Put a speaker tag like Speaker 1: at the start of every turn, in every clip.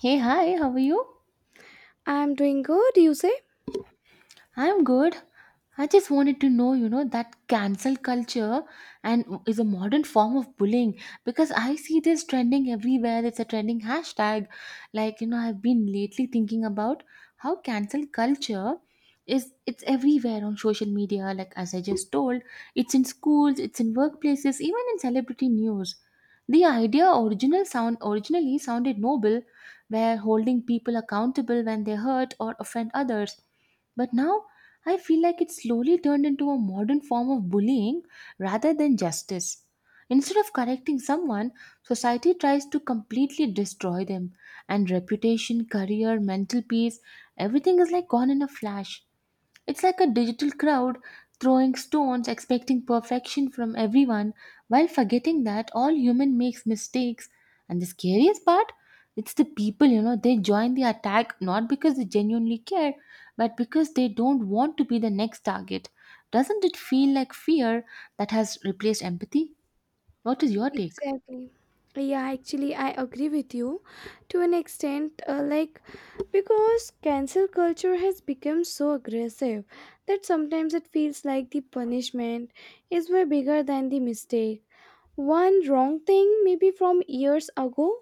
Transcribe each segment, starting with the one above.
Speaker 1: Hey, hi, how are you?
Speaker 2: I'm doing good, you say?
Speaker 1: I'm good. I just wanted to know, that cancel culture and is a modern form of bullying because I see this trending everywhere. It's a trending hashtag. Like, I've been lately thinking about how cancel culture is it's everywhere on social media like as I just told. It's in schools, it's in workplaces, even in celebrity news. The idea original sound originally sounded noble where holding people accountable when they hurt or offend others, but now I feel like it slowly turned into a modern form of bullying rather than justice. Instead of correcting someone, society tries to completely destroy them, and reputation, career, mental peace, everything is like gone in a flash. It's like a digital crowd throwing stones, expecting perfection from everyone, while forgetting that all human makes mistakes. And the scariest part, it's the people, they join the attack not because they genuinely care, but because they don't want to be the next target. Doesn't it feel like fear that has replaced empathy? What is your take?
Speaker 2: Exactly. Yeah, actually, I agree with you to an extent, because cancel culture has become so aggressive that sometimes it feels like the punishment is way bigger than the mistake. One wrong thing, maybe from years ago,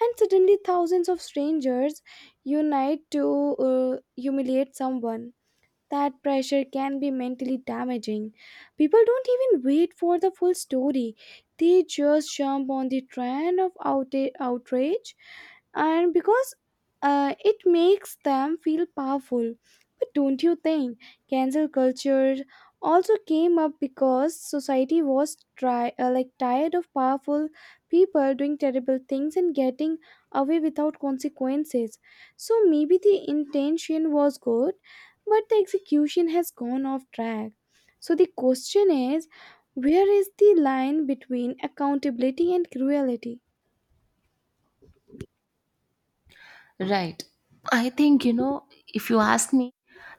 Speaker 2: and suddenly thousands of strangers unite to uh, humiliate someone. That pressure can be mentally damaging. People don't even wait for the full story, they just jump on the trend of outrage and because it makes them feel powerful. But don't you think cancel culture also came up because society was try like tired of powerful people doing terrible things and getting away without consequences. So maybe the intention was good, but the execution has gone off track. So the question is, where is the line between accountability and cruelty?
Speaker 1: Right. I think, if you ask me,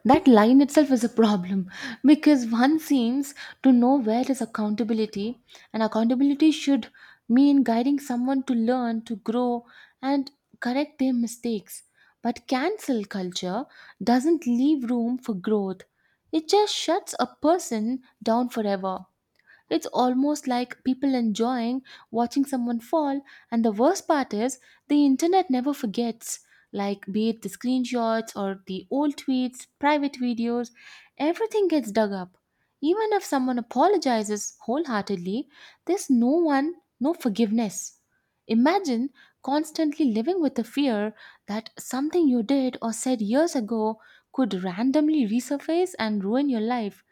Speaker 1: that line itself is a problem because one seems to know where is accountability, and accountability should mean guiding someone to learn, to grow, and correct their mistakes. But cancel culture doesn't leave room for growth, it just shuts a person down forever. It's almost like people enjoying watching someone fall, and the worst part is the internet never forgets. Like, be it the screenshots or the old tweets, private videos, everything gets dug up. Even if someone apologizes wholeheartedly, there's no one, no forgiveness. Imagine constantly living with the fear that something you did or said years ago could randomly resurface and ruin your life.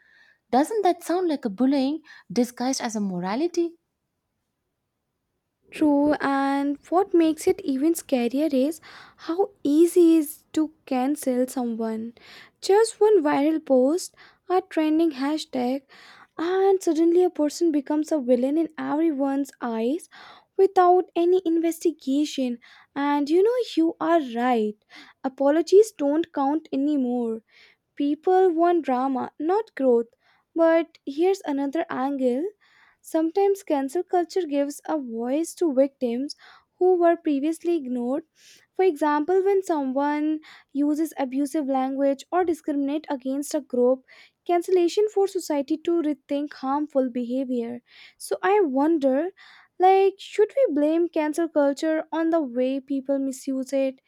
Speaker 1: Doesn't that sound like a bullying disguised as a morality?
Speaker 2: True, and what makes it even scarier is how easy it is to cancel someone. Just one viral post, a trending hashtag, and suddenly a person becomes a villain in everyone's eyes without any investigation. And you know, you are right. Apologies don't count anymore. People want drama, not growth. But here's another angle. Sometimes cancel culture gives a voice to victims who were previously ignored. For example, when someone uses abusive language or discriminate against a group, cancellation for society to rethink harmful behavior. So I wonder like should we blame cancel culture on the way people misuse it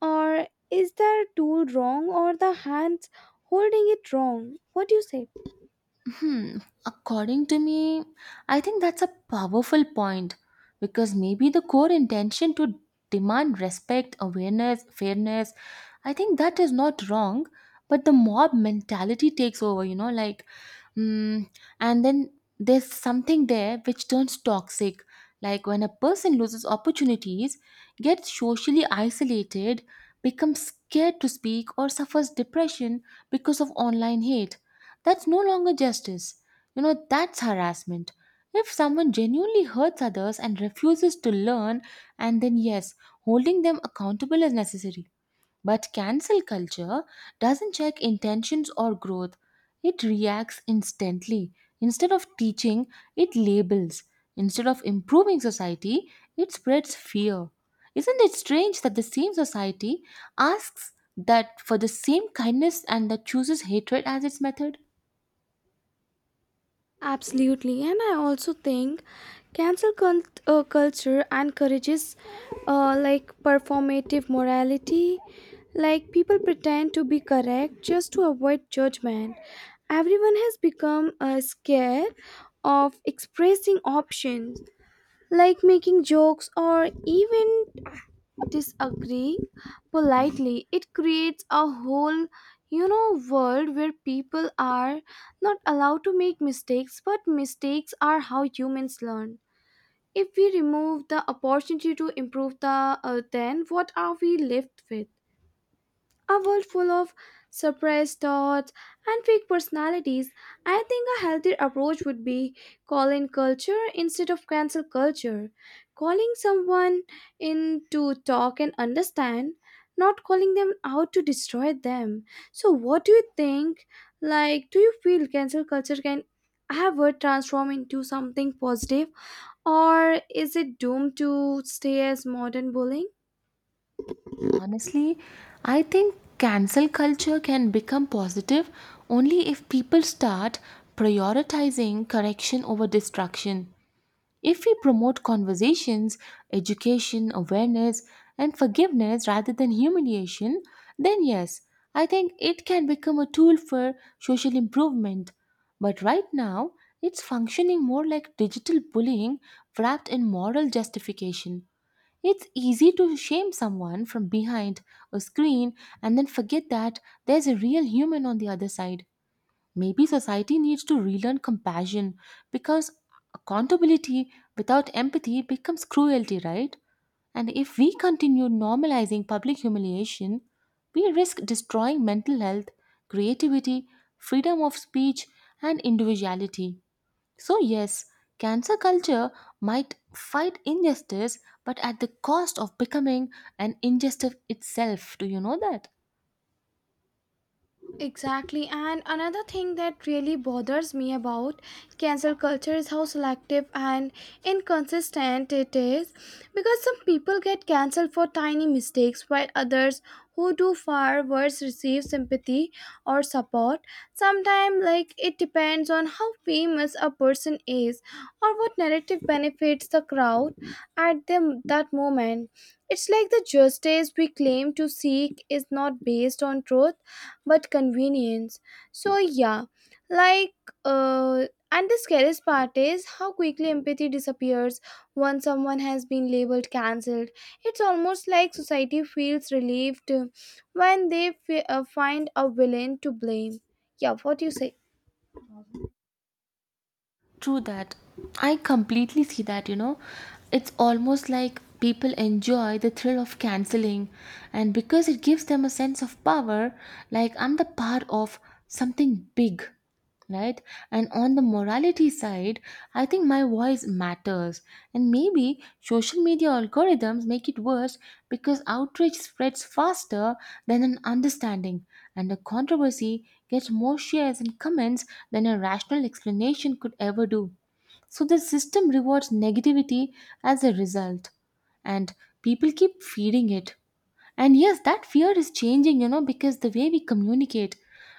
Speaker 2: or is the tool wrong or the hands holding it wrong? What do you say?
Speaker 1: Hmm, according to me, I think that's a powerful point because maybe the core intention to demand respect, awareness, fairness, I think that is not wrong, but the mob mentality takes over, mm, and then there's something there which turns toxic. Like when a person loses opportunities, gets socially isolated, becomes scared to speak, or suffers depression because of online hate, that's no longer justice. You know, that's harassment. If someone genuinely hurts others and refuses to learn, and then yes, holding them accountable is necessary. But cancel culture doesn't check intentions or growth, it reacts instantly. Instead of teaching, it labels. Instead of improving society, it spreads fear. Isn't it strange that the same society asks that for the same kindness and that chooses hatred as its method?
Speaker 2: Absolutely. And I also think culture encourages performative morality. Like people pretend to be correct just to avoid judgment. Everyone has become scared of expressing options, like making jokes or even disagree politely. It creates a whole, you know, world where people are not allowed to make mistakes, but mistakes are how humans learn. If we remove the opportunity to improve then what are we left with? A world full of suppressed thoughts and fake personalities. I think a healthy approach would be call in culture instead of cancel culture. Calling someone in to talk and understand, not calling them out to destroy them. So, what do you think? Like, do you feel cancel culture can ever transform into something positive, or is it doomed to stay as modern bullying?
Speaker 1: Honestly, I think cancel culture can become positive only if people start prioritizing correction over destruction. If we promote conversations, education, awareness, and forgiveness rather than humiliation, then yes, I think it can become a tool for social improvement. But right now, it's functioning more like digital bullying wrapped in moral justification. It's easy to shame someone from behind a screen and then forget that there's a real human on the other side. Maybe society needs to relearn compassion because accountability without empathy becomes cruelty, right? And if we continue normalizing public humiliation, we risk destroying mental health, creativity, freedom of speech, and individuality. So, yes, cancer culture might fight injustice, but at the cost of becoming an injustice itself. Do you know that?
Speaker 2: Exactly. And another thing that really bothers me about cancel culture is how selective and inconsistent it is. Because some people get cancelled for tiny mistakes, while others who do far worse receive sympathy or support. Sometimes, like, it depends on how famous a person is or what narrative benefits the crowd at them that moment. It's like the justice we claim to seek is not based on truth but convenience. So yeah, like uh and the scariest part is how quickly empathy disappears once someone has been labeled cancelled. It's almost like society feels relieved when they find a villain to blame. Yeah, what do you say?
Speaker 1: True that. I completely see that, you know. It's almost like people enjoy the thrill of canceling, and because it gives them a sense of power, like I'm the part of something big, right? And on the morality side, I think my voice matters. And maybe social media algorithms make it worse because outrage spreads faster than an understanding, and a controversy gets more shares and comments than a rational explanation could ever do. So the system rewards negativity as a result, and people keep feeding it. And yes, that fear is changing, because the way we communicate,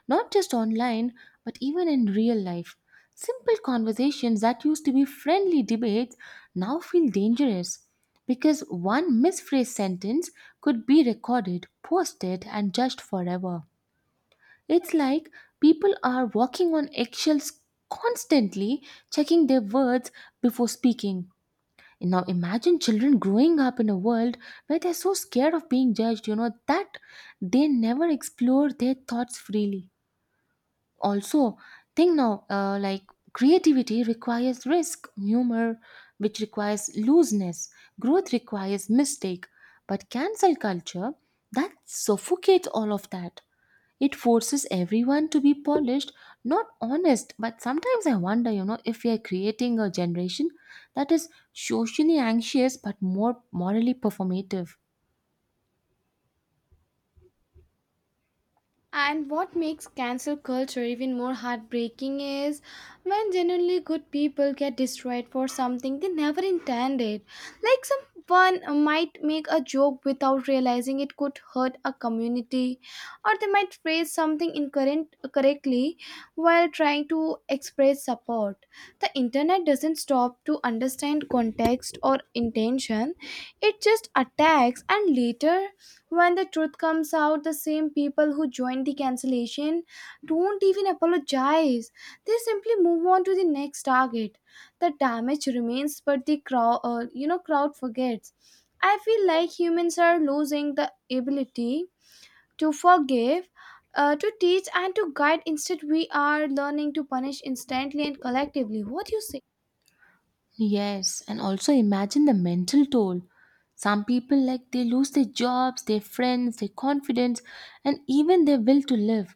Speaker 1: not just online, but even in real life. Simple conversations that used to be friendly debates now feel dangerous because one misphrased sentence could be recorded, posted, and judged forever. It's like people are walking on eggshells constantly, checking their words before speaking. And now imagine children growing up in a world where they're so scared of being judged, that they never explore their thoughts freely. Also think now creativity requires risk, humor which requires looseness, growth requires mistake, but cancel culture that suffocates all of that. It forces everyone to be polished, not honest. But sometimes I wonder, if we are creating a generation that is socially anxious but more morally performative.
Speaker 2: And what makes cancel culture even more heartbreaking is when genuinely good people get destroyed for something they never intended. Like someone might make a joke without realizing it could hurt a community, or they might phrase something incorrect correctly while trying to express support. The internet doesn't stop to understand context or intention; it just attacks and later when the truth comes out, the same people who joined the cancellation don't even apologize. They simply move on to the next target. The damage remains, but the crowd forgets. I feel like humans are losing the ability to forgive, to teach, and to guide. Instead, we are learning to punish instantly and collectively. What do you say?
Speaker 1: Yes, and also imagine the mental toll. Some people like they lose their jobs, their friends, their confidence, and even their will to live.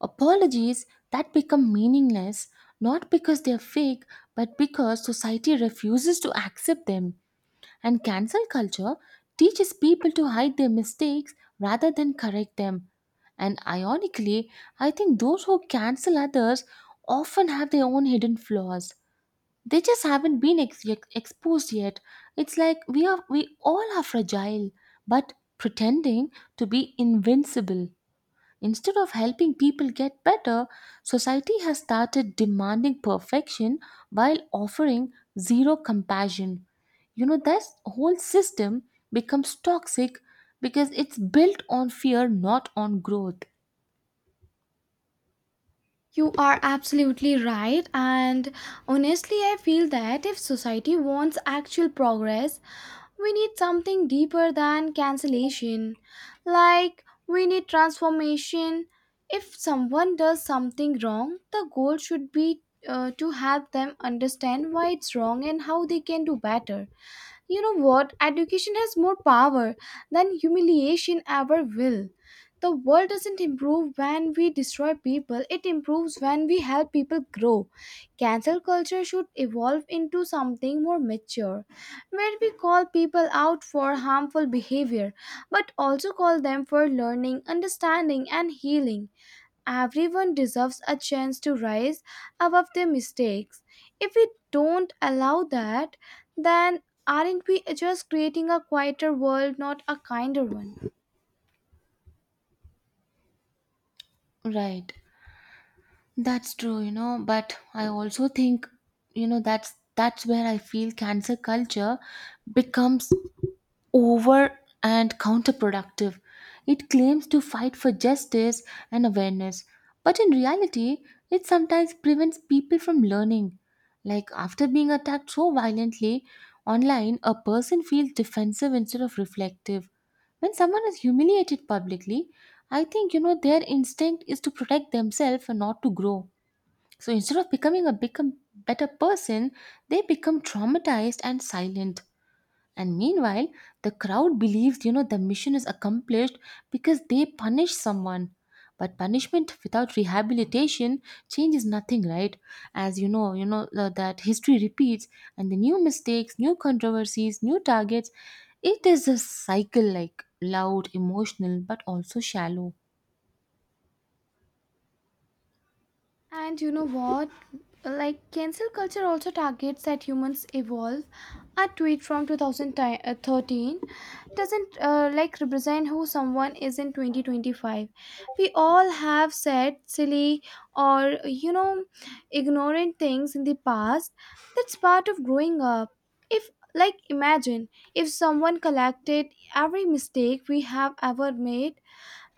Speaker 1: Apologies that become meaningless not because they're fake, but because society refuses to accept them. And cancel culture teaches people to hide their mistakes rather than correct them. And ironically, I think those who cancel others often have their own hidden flaws they just haven't been exposed yet. It's like we all are fragile but pretending to be invincible. Instead of helping people get better, society has started demanding perfection while offering zero compassion. You know, that whole system becomes toxic because it's built on fear, not on growth.
Speaker 2: You are absolutely right, and honestly, I feel that if society wants actual progress, we need something deeper than cancellation. Like, we need transformation. If someone does something wrong, the goal should be to help them understand why it's wrong and how they can do better. You know what? Education has more power than humiliation ever will. The world doesn't improve when we destroy people, it improves when we help people grow. Cancel culture should evolve into something more mature, where we call people out for harmful behavior, but also call them for learning, understanding, and healing. Everyone deserves a chance to rise above their mistakes. If we don't allow that, then aren't we just creating a quieter world, not a kinder one?
Speaker 1: Right. That's true, but I also think, that's where I feel cancer culture becomes over and counterproductive. It claims to fight for justice and awareness, but in reality, it sometimes prevents people from learning. Like after being attacked so violently online, a person feels defensive instead of reflective. When someone is humiliated publicly, I think, their instinct is to protect themselves and not to grow. So instead of becoming a become better person, they become traumatized and silent. And meanwhile, the crowd believes the mission is accomplished because they punish someone. But punishment without rehabilitation changes nothing, right? As you know, that history repeats, and the new mistakes, new controversies, new targets. It is a cycle, like loud, emotional, but also shallow.
Speaker 2: And you know what? Like cancel culture also targets that humans evolve. A tweet from 2013 doesn't represent who someone is in 2025. We all have said silly or, you know, ignorant things in the past. That's part of growing up. If like imagine if someone collected every mistake we have ever made.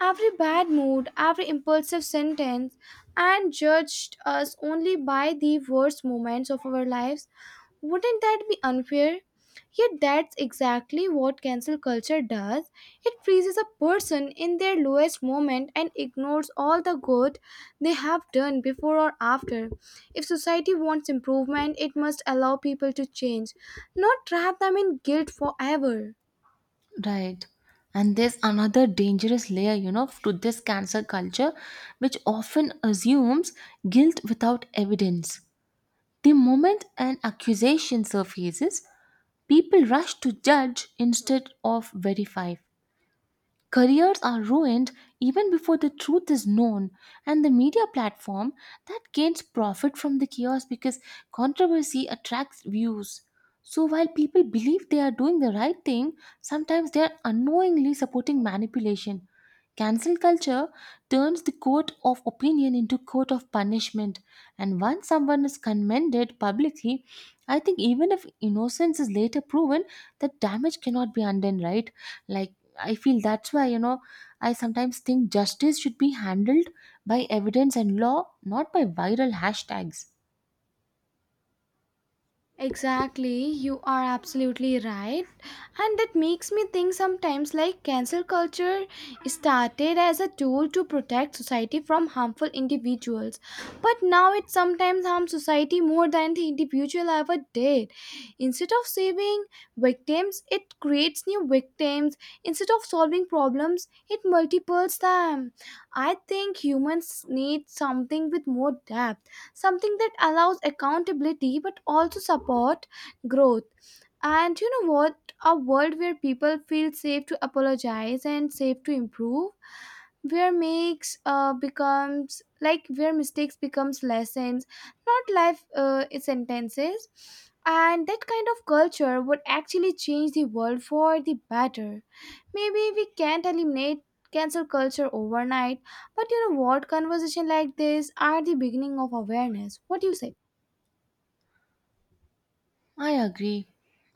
Speaker 2: Every bad mood, every impulsive sentence, and judged us only by the worst moments of our lives. Wouldn't that be unfair? Yet that's exactly what cancel culture does. It freezes a person in their lowest moment and ignores all the good they have done before or after. If society wants improvement, it must allow people to change, not trap them in guilt forever.
Speaker 1: Right. And there's another dangerous layer, to this cancer culture, which often assumes guilt without evidence. The moment an accusation surfaces, people rush to judge instead of verify. Careers are ruined even before the truth is known, and the media platform that gains profit from the chaos because controversy attracts views. So, while people believe they are doing the right thing, sometimes they are unknowingly supporting manipulation. Cancel culture turns the court of opinion into court of punishment, and once someone is commended publicly, I think even if innocence is later proven, that damage cannot be undone, right? Like I feel that's why, I sometimes think justice should be handled by evidence and law, not by viral hashtags.
Speaker 2: Exactly, you are absolutely right. And that makes me think sometimes like cancel culture started as a tool to protect society from harmful individuals, but now it sometimes harms society more than the individual ever did. Instead of saving victims, it creates new victims. Instead of solving problems, it multiples them. I think humans need something with more depth, something that allows accountability but also support, growth, and you know what? A world where people feel safe to apologize and safe to improve, where makes becomes like where mistakes becomes lessons, not life sentences. And that kind of culture would actually change the world for the better. Maybe we can't eliminate cancel culture overnight, but you know what? Conversation like this are the beginning of awareness. What do you say?
Speaker 1: I agree.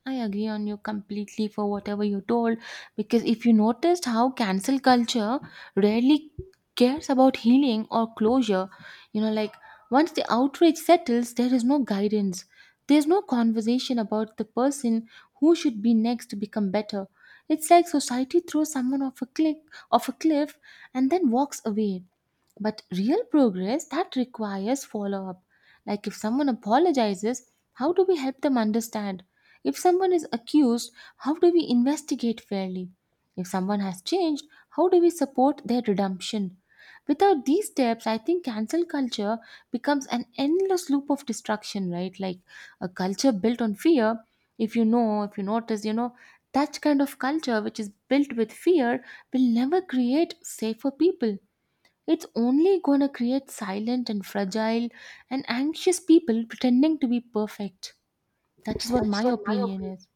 Speaker 1: I agree on you completely for whatever you told because if you noticed how cancel culture rarely cares about healing or closure, you know, like once the outrage settles, there is no guidance. There's no conversation about the person who should be next to become better. It's like society throws someone off a cliff, and then walks away. But real progress that requires follow up. Like if someone apologizes, how do we help them understand? If someone is accused, how do we investigate fairly? If someone has changed, how do we support their redemption? Without these steps, I think cancel culture becomes an endless loop of destruction, right? Like a culture built on fear. If you notice, that kind of culture which is built with fear will never create safer people, it's only gonna create silent and fragile and anxious people pretending to be perfect. That is what my opinion is.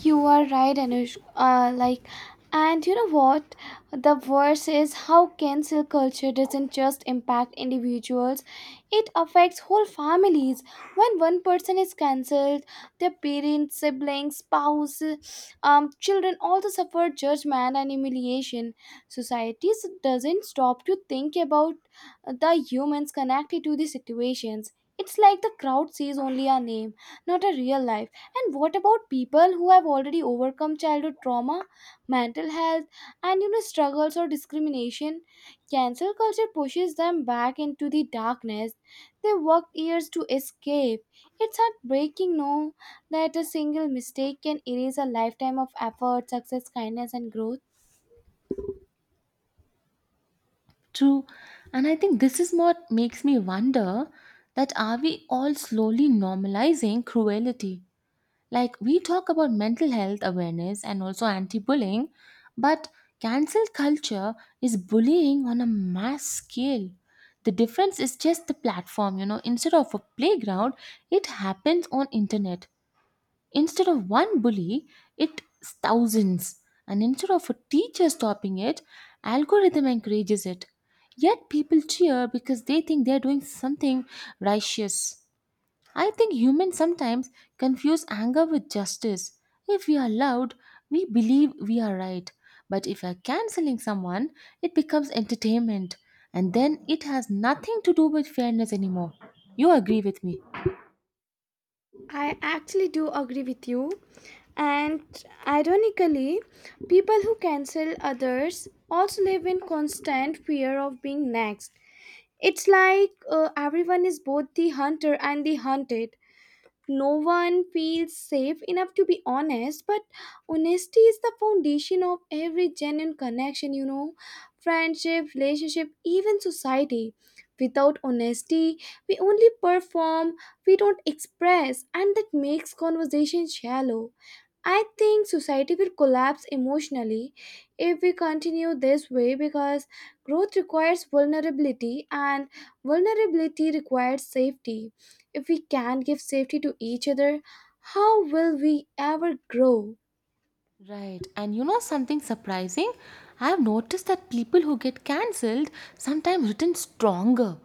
Speaker 2: You are right, Anush. And you know what? The worst is how cancel culture doesn't just impact individuals; it affects whole families. When one person is cancelled, their parents, siblings, spouse, children also suffer judgment and humiliation. Doesn't stop to think about the humans connected to the situations. It's like the crowd sees only a name, not a real life. And what about people who have already overcome childhood trauma, mental health, and, you know, struggles or discrimination? Cancel culture pushes them back into the darkness they worked years to escape. It's heartbreaking, no, that a single mistake can erase a lifetime of effort, success, kindness, and growth.
Speaker 1: True. And I think this is what makes me wonder that are we all slowly normalizing cruelty? Like we talk about mental health awareness and also anti-bullying, but cancel culture is bullying on a mass scale. The difference is just the platform, instead of a playground, it happens on internet. Instead of one bully, it's thousands. And instead of a teacher stopping it, algorithm encourages it. Yet people cheer because they think they're doing something righteous. I think humans sometimes confuse anger with justice. If we are loud, we believe we are right. But if we're canceling someone, it becomes entertainment. And then it has nothing to do with fairness anymore. You agree with me?
Speaker 2: I actually do agree with you. And ironically, people who cancel others also live in constant fear of being next. It's like everyone is both the hunter and the hunted. No one feels safe enough to be honest, but honesty is the foundation of every genuine connection, you know, friendship, relationship, even society. Without honesty, we only perform, we don't express, and that makes conversation shallow. I think society will collapse emotionally if we continue this way because growth requires vulnerability and vulnerability requires safety. If we can't give safety to each other, how will we ever grow?
Speaker 1: Right. And you know something surprising? I've noticed that people who get cancelled sometimes return stronger.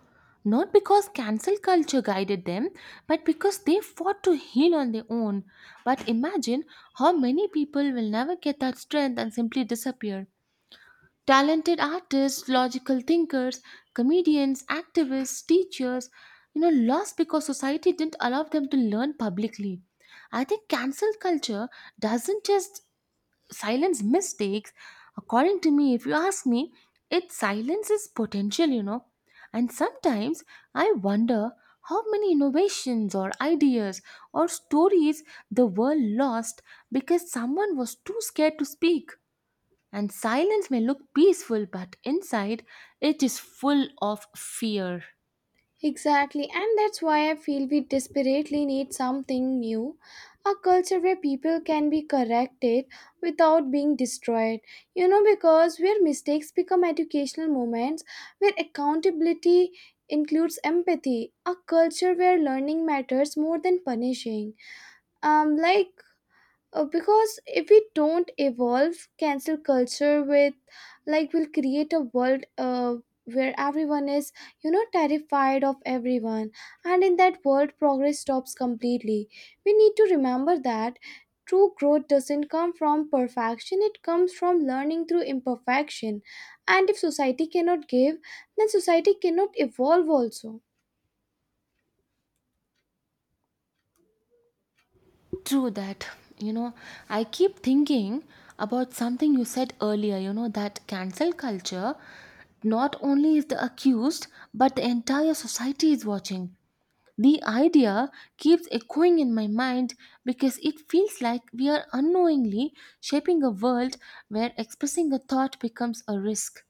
Speaker 1: Not because cancel culture guided them, but because they fought to heal on their own. But imagine how many people will never get that strength and simply disappear. Talented artists, logical thinkers, comedians, activists, teachers, lost because society didn't allow them to learn publicly. I think cancel culture doesn't just silence mistakes, according to me, if you ask me, it silences potential, you know. And sometimes I wonder how many innovations or ideas or stories the world lost because someone was too scared to speak. And silence may look peaceful, but inside it is full of fear.
Speaker 2: Exactly, and that's why I feel we desperately need something new, a culture where people can be corrected without being destroyed. You know, because where mistakes become educational moments, where accountability includes empathy, a culture where learning matters more than punishing. Um, like because if we don't evolve cancel culture with, like, will create a world where everyone is, you know, terrified of everyone, and in that world progress stops completely. We need to remember that true growth doesn't come from perfection, it comes from learning through imperfection. And if society cannot give, then society cannot evolve also.
Speaker 1: True that. You know, I keep thinking about something you said earlier, you know, that cancel culture not only is the accused, but the entire society is watching. The idea keeps echoing in my mind because it feels like we are unknowingly shaping a world where expressing a thought becomes a risk.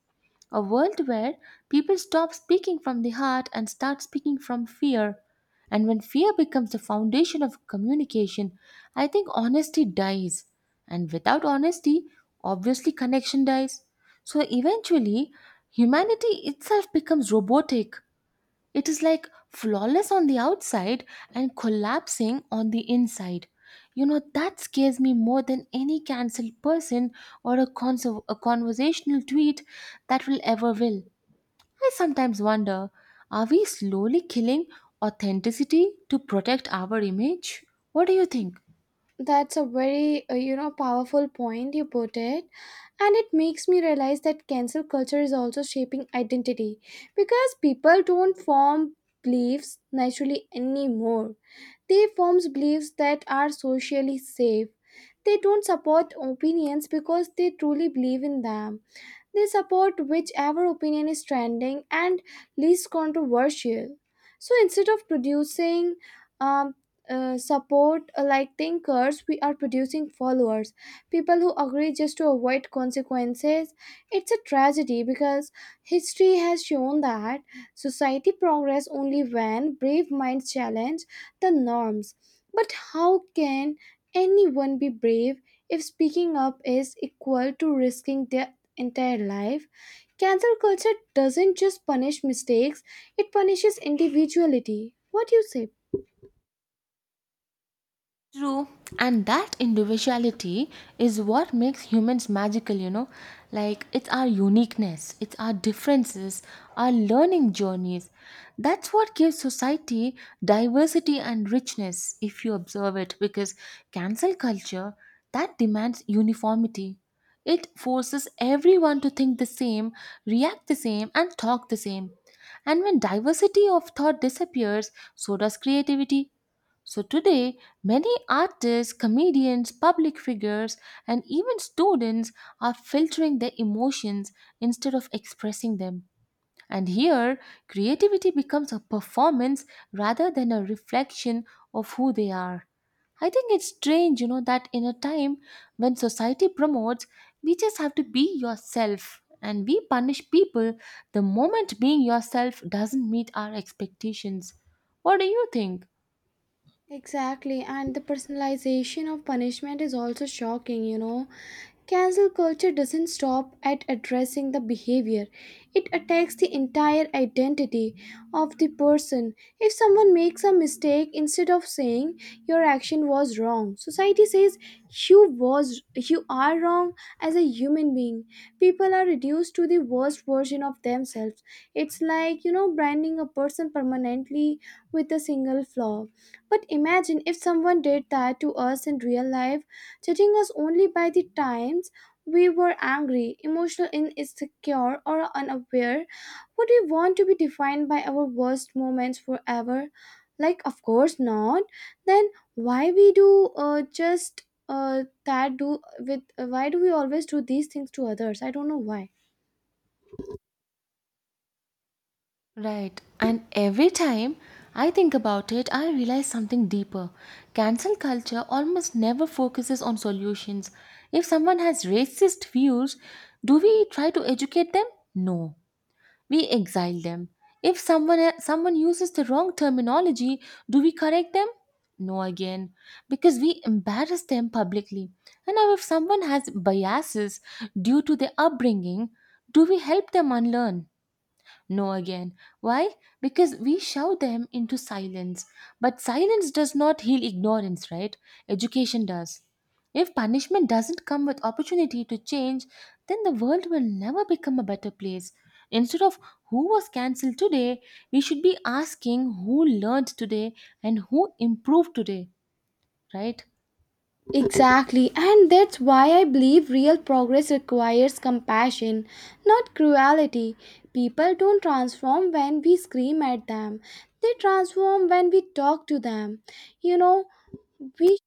Speaker 1: A world where people stop speaking from the heart and start speaking from fear. And when fear becomes the foundation of communication, I think honesty dies. And without honesty, obviously connection dies. So eventually, humanity itself becomes robotic. It is like flawless on the outside and collapsing on the inside. You know, that scares me more than any cancelled person or a, a conversational tweet that will ever will. I sometimes wonder, are we slowly killing authenticity to protect our image? What do you think?
Speaker 2: That's a very you know, powerful point you put it. And it makes me realize that cancel culture is also shaping identity because people don't form beliefs naturally anymore. They form beliefs that are socially safe. They don't support opinions because they truly believe in them. They support whichever opinion is trending and least controversial. So instead of producing um, support like thinkers, we are producing followers, people who agree just to avoid consequences. It's a tragedy because history has shown that society progress only when brave minds challenge the norms. But how can anyone be brave if speaking up is equal to risking their entire life. Cancel culture doesn't just punish mistakes, it punishes individuality. What do you say?
Speaker 1: True, and that individuality is what makes humans magical, you know. Like, it's our uniqueness, it's our differences, our learning journeys. That's what gives society diversity and richness, if you observe it, because cancel culture that demands uniformity. It forces everyone to think the same, react the same, and talk the same. And when diversity of thought disappears, so does creativity. So today, many artists, comedians, public figures, and even students are filtering their emotions instead of expressing them. And here, creativity becomes a performance rather than a reflection of who they are. I think it's strange, you know, that in a time when society promotes, we just have to be yourself, and we punish people the moment being yourself doesn't meet our expectations. What do you think?
Speaker 2: Exactly, and the personalization of punishment is also shocking, you know. Cancel culture doesn't stop at addressing the behavior, it attacks the entire identity of the person. If someone makes a mistake, instead of saying your action was wrong, society says you was you are wrong as a human being. People are reduced to the worst version of themselves. It's like, you know, branding a person permanently with a single flaw. But imagine if someone did that to us in real life, judging us only by the times we were angry, emotional, insecure, or unaware. Would we want to be defined by our worst moments forever? Like, of course not. Then why we do just that do with why do we always do these things to others? I don't know why.
Speaker 1: Right. And every time I think about it, I realize something deeper. Cancel culture almost never focuses on solutions. If someone has racist views, do we try to educate them? No. We exile them. If someone uses the wrong terminology, do we correct them? No again. Because we embarrass them publicly. And now if someone has biases due to their upbringing, do we help them unlearn? No again. Why? Because we shout them into silence. But silence does not heal ignorance, right? Education does. If punishment doesn't come with opportunity to change, then the world will never become a better place. Instead of who was cancelled today, we should be asking who learned today and who improved today, right?
Speaker 2: Exactly, and that's why I believe real progress requires compassion, not cruelty. People don't transform when we scream at them, they transform when we talk to them. You know, we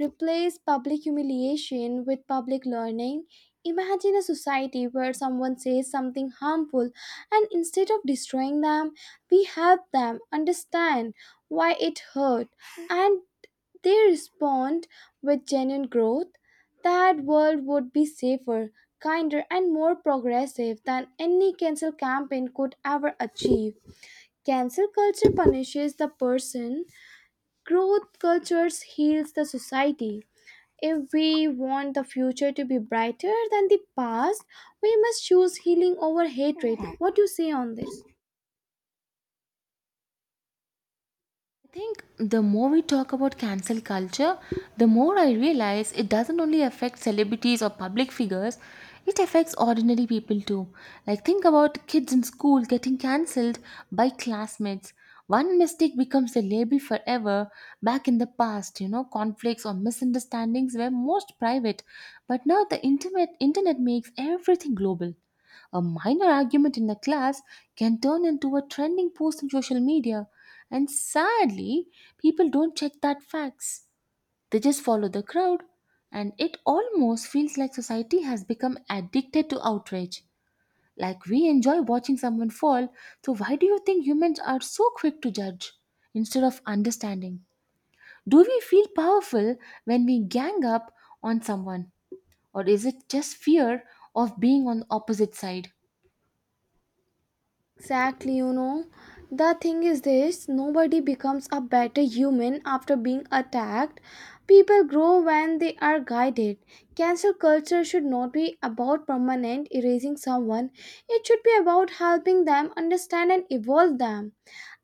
Speaker 2: replace public humiliation with public learning. Imagine a society where someone says something harmful, and instead of destroying them, we help them understand why it hurt and they respond with genuine growth. That world would be safer, kinder, and more progressive than any cancel campaign could ever achieve. Cancel culture punishes the person, growth cultures heals the society. If we want the future to be brighter than the past, we must choose healing over hatred. What do you say on this?
Speaker 1: I think the more we talk about cancel culture, the more I realize it doesn't only affect celebrities or public figures, it affects ordinary people too. Like, think about kids in school getting cancelled by classmates. One mistake becomes a label forever. Back in the past, you know, conflicts or misunderstandings were most private, but now the internet makes everything global. A minor argument in a class can turn into a trending post on social media, and sadly, people don't check that facts. They just follow the crowd, and it almost feels like society has become addicted to outrage. Like we enjoy watching someone fall. So why do you think humans are so quick to judge instead of understanding? Do we feel powerful when we gang up on someone, or is it just fear of being on the opposite side?
Speaker 2: Exactly, you know. The thing is this nobody becomes a better human after being attacked. People grow when they are guided. Cancel culture should not be about permanent erasing someone, it should be about helping them understand and evolve them.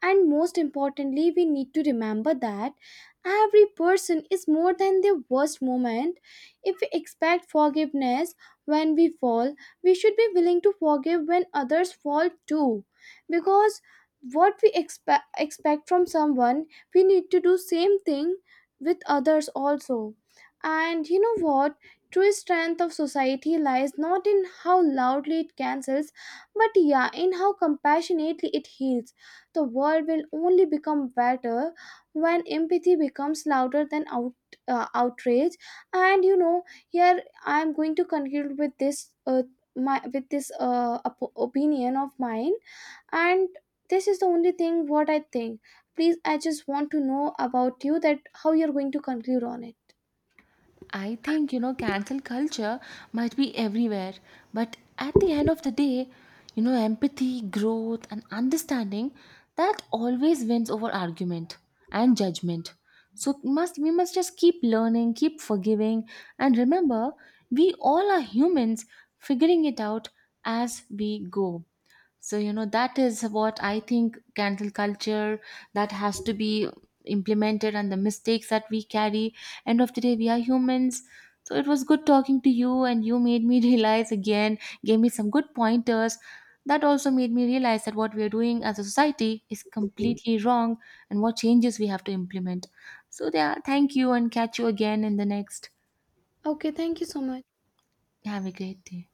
Speaker 2: And most importantly, we need to remember that every person is more than their worst moment. If we expect forgiveness when we fall, we should be willing to forgive when others fall too. Because what we expect from someone, we need to do same thing with others also. And you know what? True strength of society lies not in how loudly it cancels, but yeah, in how compassionately it heals. The world will only become better when empathy becomes louder than outrage. And you know, here I am going to conclude with this my with this op- opinion of mine, and this is the only thing what I think. Please, I just want to know about you that how you're going to conclude on it.
Speaker 1: I think, you know, cancel culture might be everywhere, but at the end of the day, you know, empathy, growth, and understanding, that always wins over argument and judgment. So must we must just keep learning, keep forgiving, and remember we all are humans figuring it out as we go. So you know, that is what I think cancel culture, that has to be implemented, and the mistakes that we carry, end of the day we are humans. So it was good talking to you, and you made me realize again, gave me some good pointers, that also made me realize that what we are doing as a society is completely wrong and what changes we have to implement. So yeah, thank you and catch you again in the next.
Speaker 2: Okay, thank you so much.
Speaker 1: Have a great day.